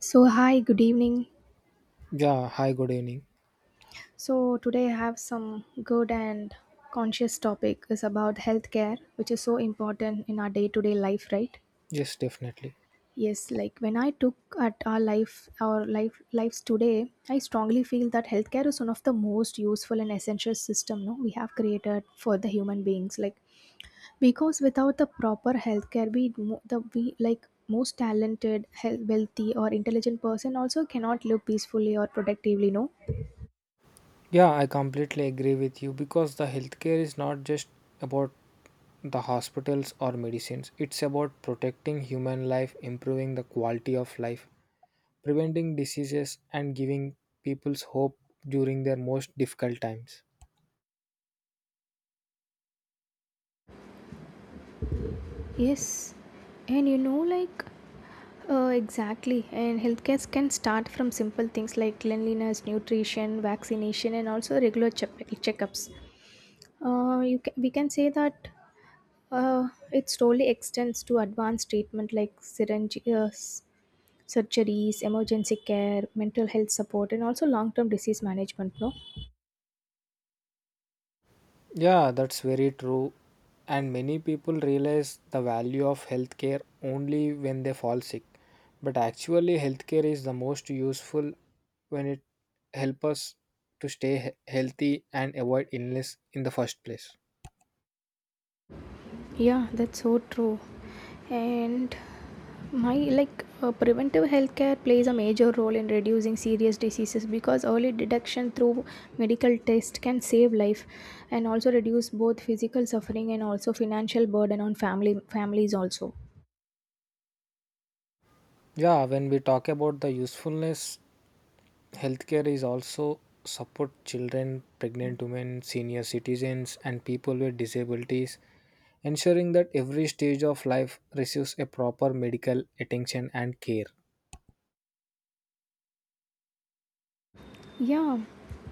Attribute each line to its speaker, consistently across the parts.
Speaker 1: So, hi, good evening.
Speaker 2: Yeah, hi, good evening.
Speaker 1: So, today I have some good and conscious topic is about healthcare, which is so important in our day-to-day life, right?
Speaker 2: Yes, definitely.
Speaker 1: Yes, like when I took at our life lives today, I strongly feel that healthcare is one of the most useful and essential system no we have created for the human beings. Like because without the proper healthcare, we mo- the we like most talented, health, wealthy, or intelligent person also cannot live peacefully or productively. No.
Speaker 2: Yeah, I completely agree with you because the healthcare is not just about the hospitals or medicines, it's about protecting human life, improving the quality of life, preventing diseases, and giving people's hope during their most difficult times.
Speaker 1: Yes, and you know, like, exactly. And healthcare can start from simple things like cleanliness, nutrition, vaccination, and also regular checkups. You ca We can say that it slowly extends to advanced treatment like syringe, surgeries, emergency care, mental health support, and also long term disease management. No.
Speaker 2: Yeah, that's very true. And many people realize the value of healthcare only when they fall sick. But actually, healthcare is the most useful when it helps us to stay healthy and avoid illness in the first place.
Speaker 1: Yeah, that's so true. And my like preventive healthcare plays a major role in reducing serious diseases because early detection through medical test can save life and also reduce both physical suffering and also financial burden on family families also.
Speaker 2: Yeah, when we talk about the usefulness, healthcare is also support children, pregnant women, senior citizens, and people with disabilities ensuring that every stage of life receives a proper medical attention and care.
Speaker 1: Yeah,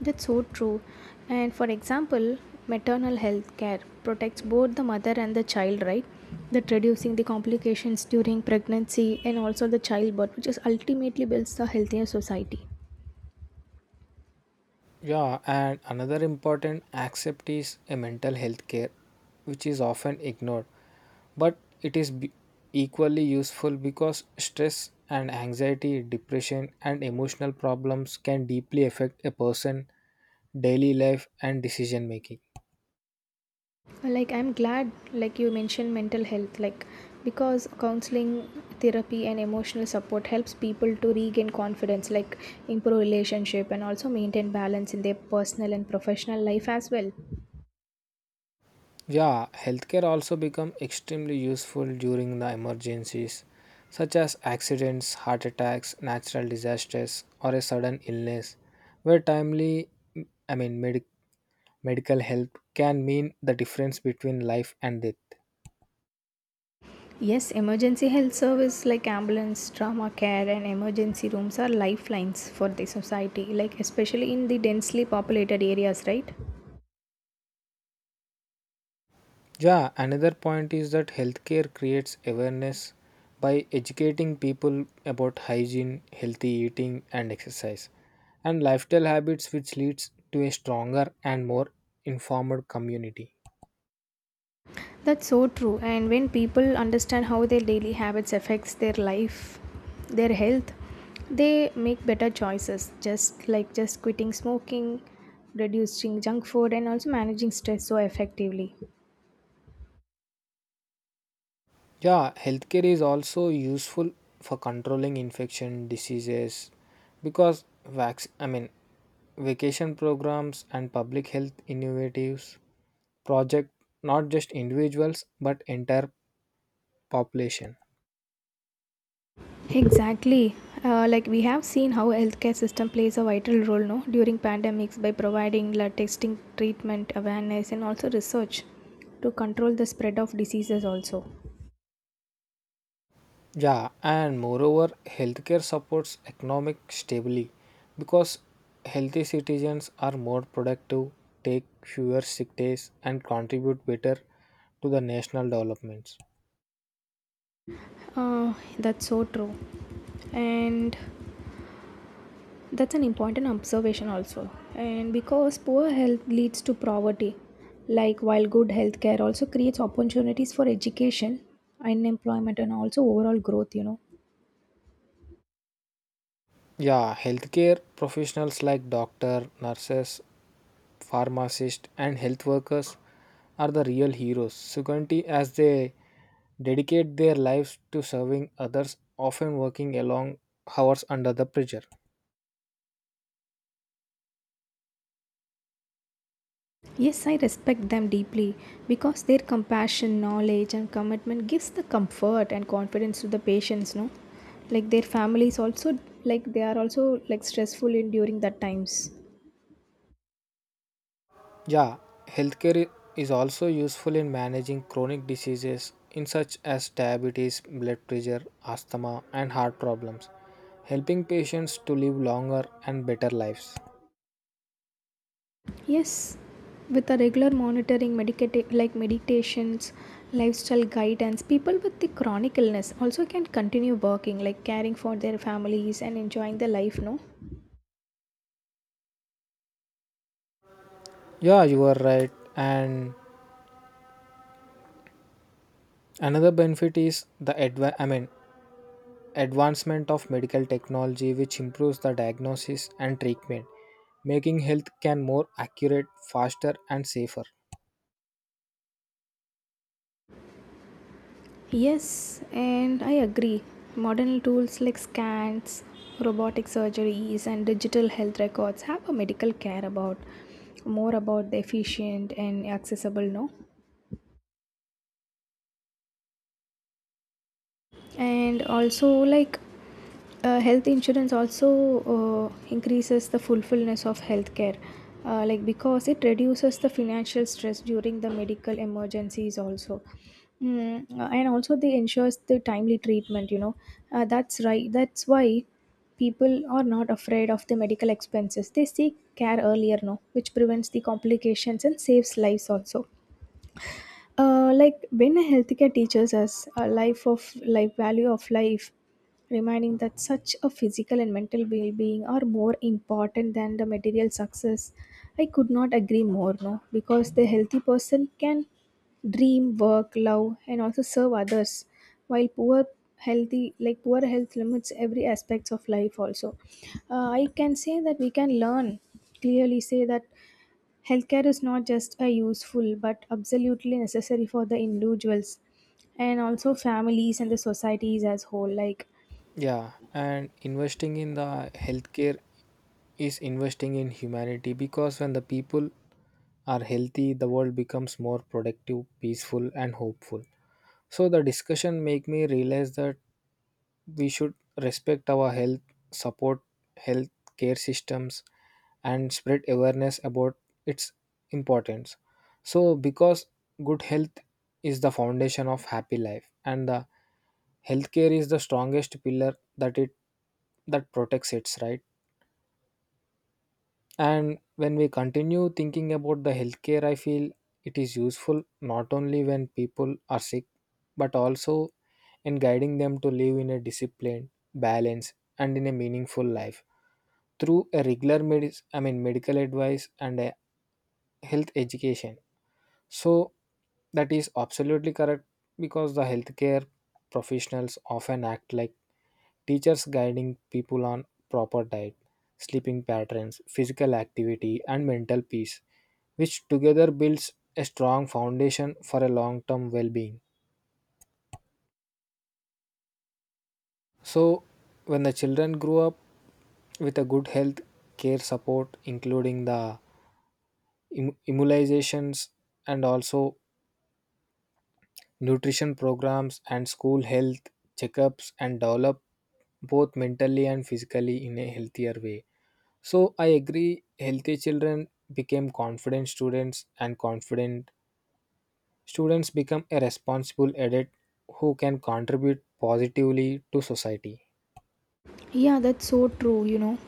Speaker 1: that's so true. And for example, maternal health care protects both the mother and the child, right? That reducing the complications during pregnancy and also the childbirth, which is ultimately builds the healthier society.
Speaker 2: Yeah, and another important aspect is a mental health care, which is often ignored, but it is be- equally useful because stress and anxiety, depression, and emotional problems can deeply affect a person's daily life and decision making.
Speaker 1: Like I'm glad, like you mentioned mental health, like because counseling, therapy, and emotional support helps people to regain confidence, like improve relationship and also maintain balance in their personal and professional life as well.
Speaker 2: Yeah, healthcare also become extremely useful during the emergencies such as accidents, heart attacks, natural disasters or a sudden illness where timely I mean medic medical help can mean the difference between life and death.
Speaker 1: Yes, emergency health service like ambulance, trauma care, and emergency rooms are lifelines for the society, like especially in the densely populated areas, right?
Speaker 2: Yeah, another point is that healthcare creates awareness by educating people about hygiene, healthy eating and exercise and lifestyle habits which leads to a stronger and more informed community.
Speaker 1: That's so true. And when people understand how their daily habits affects their life, their health, they make better choices, just like just quitting smoking, reducing junk food, and also managing stress so effectively.
Speaker 2: Yeah, healthcare is also useful for controlling infection diseases because vac- I mean vacation programs and public health innovatives project not just individuals but entire population.
Speaker 1: Exactly. Like we have seen how healthcare system plays a vital role no during pandemics by providing like, testing, treatment, awareness, and also research to control the spread of diseases. Also,
Speaker 2: Yeah, and moreover, healthcare supports economic stability because healthy citizens are more productive, take fewer sick days, and contribute better to the national developments.
Speaker 1: uh, that's so true, and that's an important observation also. And because poor health leads to poverty, like while good healthcare also creates opportunities for education, unemployment, and also overall growth.
Speaker 2: Yeah, healthcare professionals like doctor, nurses, pharmacists, and health workers are the real heroes. Suganti, as they dedicate their lives to serving others, often working along hours under the pressure.
Speaker 1: Yes, I respect them deeply because their compassion, knowledge, and commitment gives the comfort and confidence to the patients. No, like their families also like they are also like stressful in during that times.
Speaker 2: Yeah, healthcare i- is also useful in managing chronic diseases in such as diabetes, blood pressure, asthma, and heart problems, helping patients to live longer and better lives.
Speaker 1: Yes, with a regular monitoring, like meditations, lifestyle guidance, people with the chronic illness also can continue working, like caring for their families and enjoying the life. No.
Speaker 2: Yeah, you are right, and another benefit is the advancement of medical technology which improves the diagnosis and treatment, making health can more accurate, faster and safer.
Speaker 1: Yes, and I agree. Modern tools like scans, robotic surgeries, and digital health records have a medical care about more about the efficient and accessible, no? And also, like, health insurance also increases the fulfillment of healthcare like because it reduces the financial stress during the medical emergencies also. And also they ensures the timely treatment, you know. That's right, that's why people are not afraid of the medical expenses, they seek care earlier no, which prevents the complications and saves lives also. Like when a healthcare teaches us a life of life value of life, reminding that such a physical and mental well-being are more important than the material success, I could not agree more. No, because the healthy person can dream, work, love, and also serve others, while poor healthy like poor health limits every aspects of life also. Uh, i can say that we can learn clearly say that healthcare is not just a useful but absolutely necessary for the individuals and also families and the societies as whole. Like,
Speaker 2: Yeah, and investing in the healthcare is investing in humanity because when the people are healthy, the world becomes more productive, peaceful and hopeful. So the discussion make me realize that we should respect our health, support health care systems, and spread awareness about its importance. So, because good health is the foundation of happy life, and the healthcare is the strongest pillar that protects it, right? And when we continue thinking about the healthcare, I feel it is useful not only when people are sick, but also in guiding them to live in a disciplined, balanced, and in a meaningful life through a regular medical advice and a health education. So that is absolutely correct because the healthcare professionals often act like teachers guiding people on proper diet, sleeping patterns, physical activity and mental peace which together builds a strong foundation for a long-term well-being. So when the children grow up with a good health care support including the immunizations and also nutrition programs and school health checkups and develop both mentally and physically in a healthier way. So I agree, healthy children became confident students and confident students become a responsible adult who can contribute positively to society.
Speaker 1: yeah, that's so true, you know.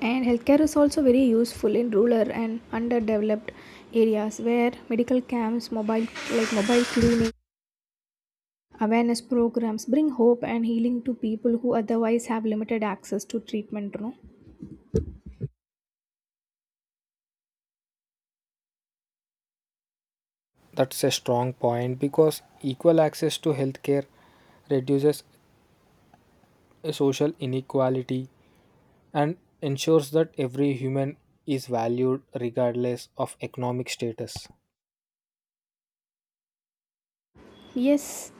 Speaker 1: And healthcare is also very useful in rural and underdeveloped areas where medical camps, mobile like mobile clinic, awareness programs bring hope and healing to people who otherwise have limited access to treatment, you know.
Speaker 2: That's a strong point because equal access to healthcare reduces social inequality and ensures that every human is valued regardless of economic status.
Speaker 1: Yes,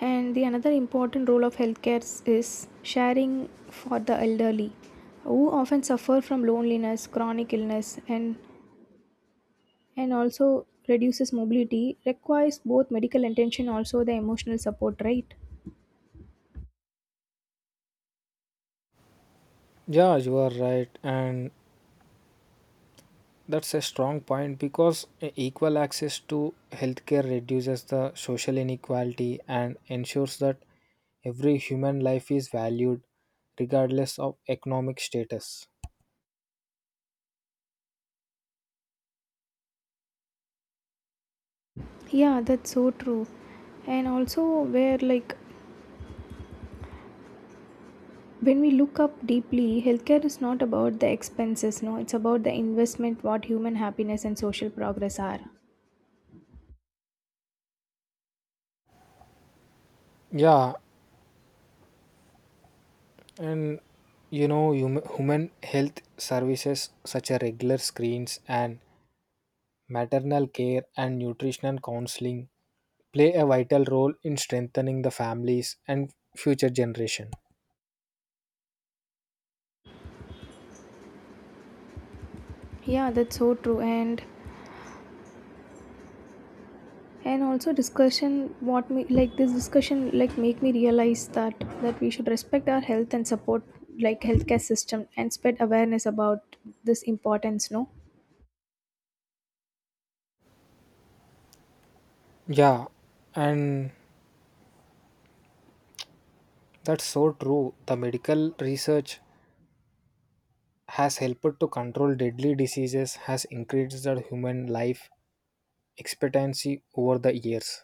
Speaker 1: and the another important role of healthcare is sharing for the elderly who often suffer from loneliness, chronic illness and also reduces mobility requires both medical attention also the emotional support, right?
Speaker 2: Yeah, you are right, and that's a strong point because equal access to healthcare reduces the social inequality and ensures that every human life is valued regardless of economic status.
Speaker 1: Yeah, that's so true. And also where like when we look up deeply, healthcare is not about the expenses, no, it's about the investment what human happiness and social progress are.
Speaker 2: Yeah, and you know, human health services such as regular screens and maternal care and nutritional counseling play a vital role in strengthening the families and future generation.
Speaker 1: Yeah, that's so true. And also discussion what me like this discussion like make me realize that that we should respect our health and support like healthcare system and spread awareness about this importance no.
Speaker 2: Yeah, and that's so true, the medical research has helped to control deadly diseases, has increased the human life expectancy over the years.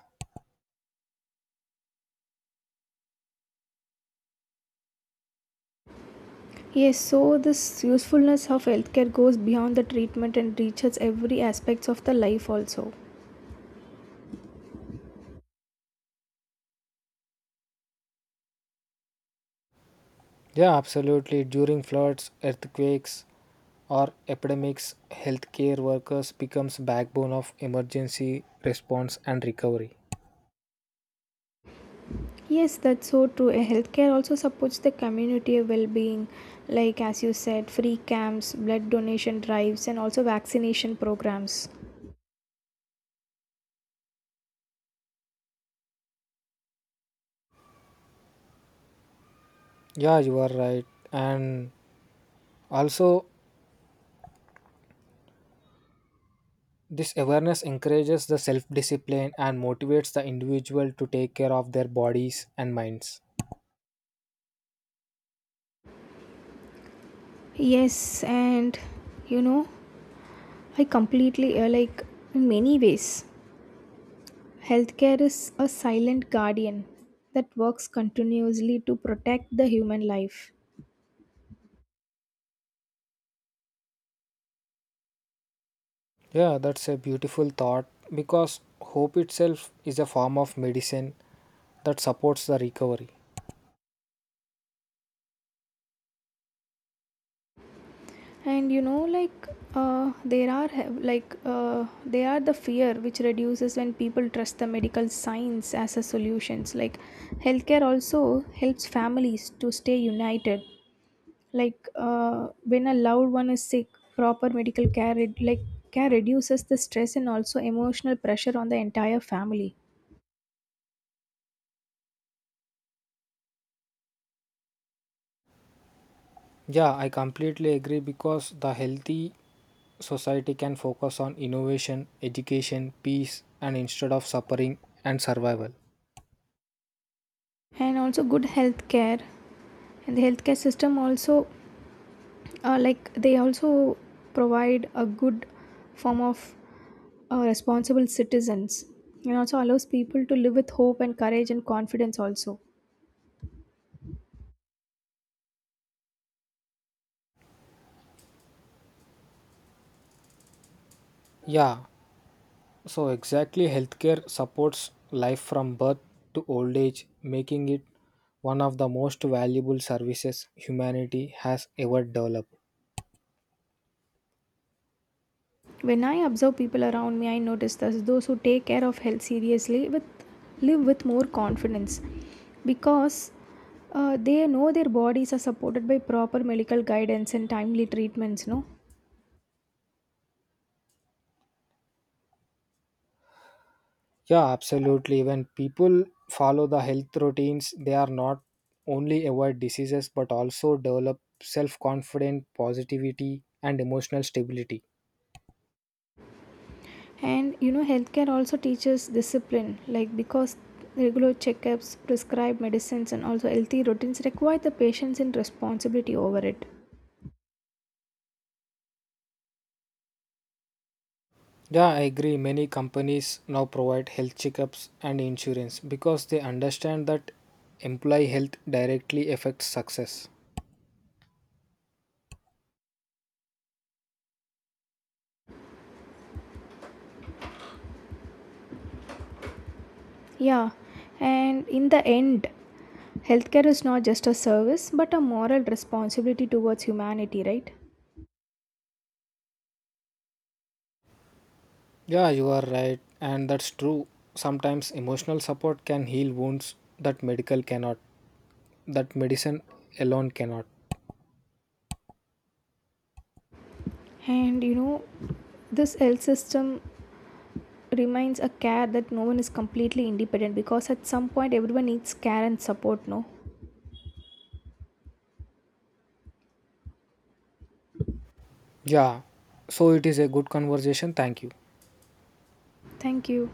Speaker 1: Yes, so this usefulness of healthcare goes beyond the treatment and reaches every aspects of the life also.
Speaker 2: Yeah, absolutely, during floods, earthquakes or epidemics healthcare workers becomes backbone of emergency response and recovery.
Speaker 1: Yes, that's so true. A healthcare also supports the community well-being, like as you said, free camps, blood donation drives, and also vaccination programs.
Speaker 2: Yeah, you are right, and also this awareness encourages the self discipline and motivates the individual to take care of their bodies and minds.
Speaker 1: Yes, and you know, I completely like in many ways. Healthcare is a silent guardian that works continuously to protect the human life.
Speaker 2: Yeah, that's a beautiful thought because hope itself is a form of medicine that supports the recovery.
Speaker 1: And you know, like there are the fear which reduces when people trust the medical science as a solutions. Like healthcare also helps families to stay united. When a loved one is sick, proper medical care re- like care reduces the stress and also emotional pressure on the entire family
Speaker 2: Yeah, I completely agree because the healthy society can focus on innovation, education, peace, and instead of suffering and survival.
Speaker 1: and also good health care and the healthcare system also like they also provide a good form of responsible citizens and also allows people to live with hope and courage and confidence also.
Speaker 2: Yeah, so, exactly, healthcare supports life from birth to old age, making it one of the most valuable services humanity has ever developed.
Speaker 1: When I observe people around me I notice that those who take care of health seriously with live with more confidence because they know their bodies are supported by proper medical guidance and timely treatments no.
Speaker 2: Yeah, absolutely. When people follow the health routines, they are not only avoid diseases but also develop self confidence, positivity, and emotional stability.
Speaker 1: And you know, healthcare also teaches discipline, like because regular checkups, prescribed medicines, and also healthy routines require the patience and responsibility over it.
Speaker 2: Yeah, I agree. Many companies now provide health checkups and insurance because they understand that employee health directly affects success.
Speaker 1: Yeah, and in the end, healthcare is not just a service but a moral responsibility towards humanity, right?
Speaker 2: Yeah, you are right, and that's true. Sometimes emotional support can heal wounds that medical cannot, that medicine alone cannot.
Speaker 1: And you know, this health system remains a care that no one is completely independent because at some point everyone needs care and support, no?
Speaker 2: Yeah, so it is a good conversation. Thank you.
Speaker 1: Thank you.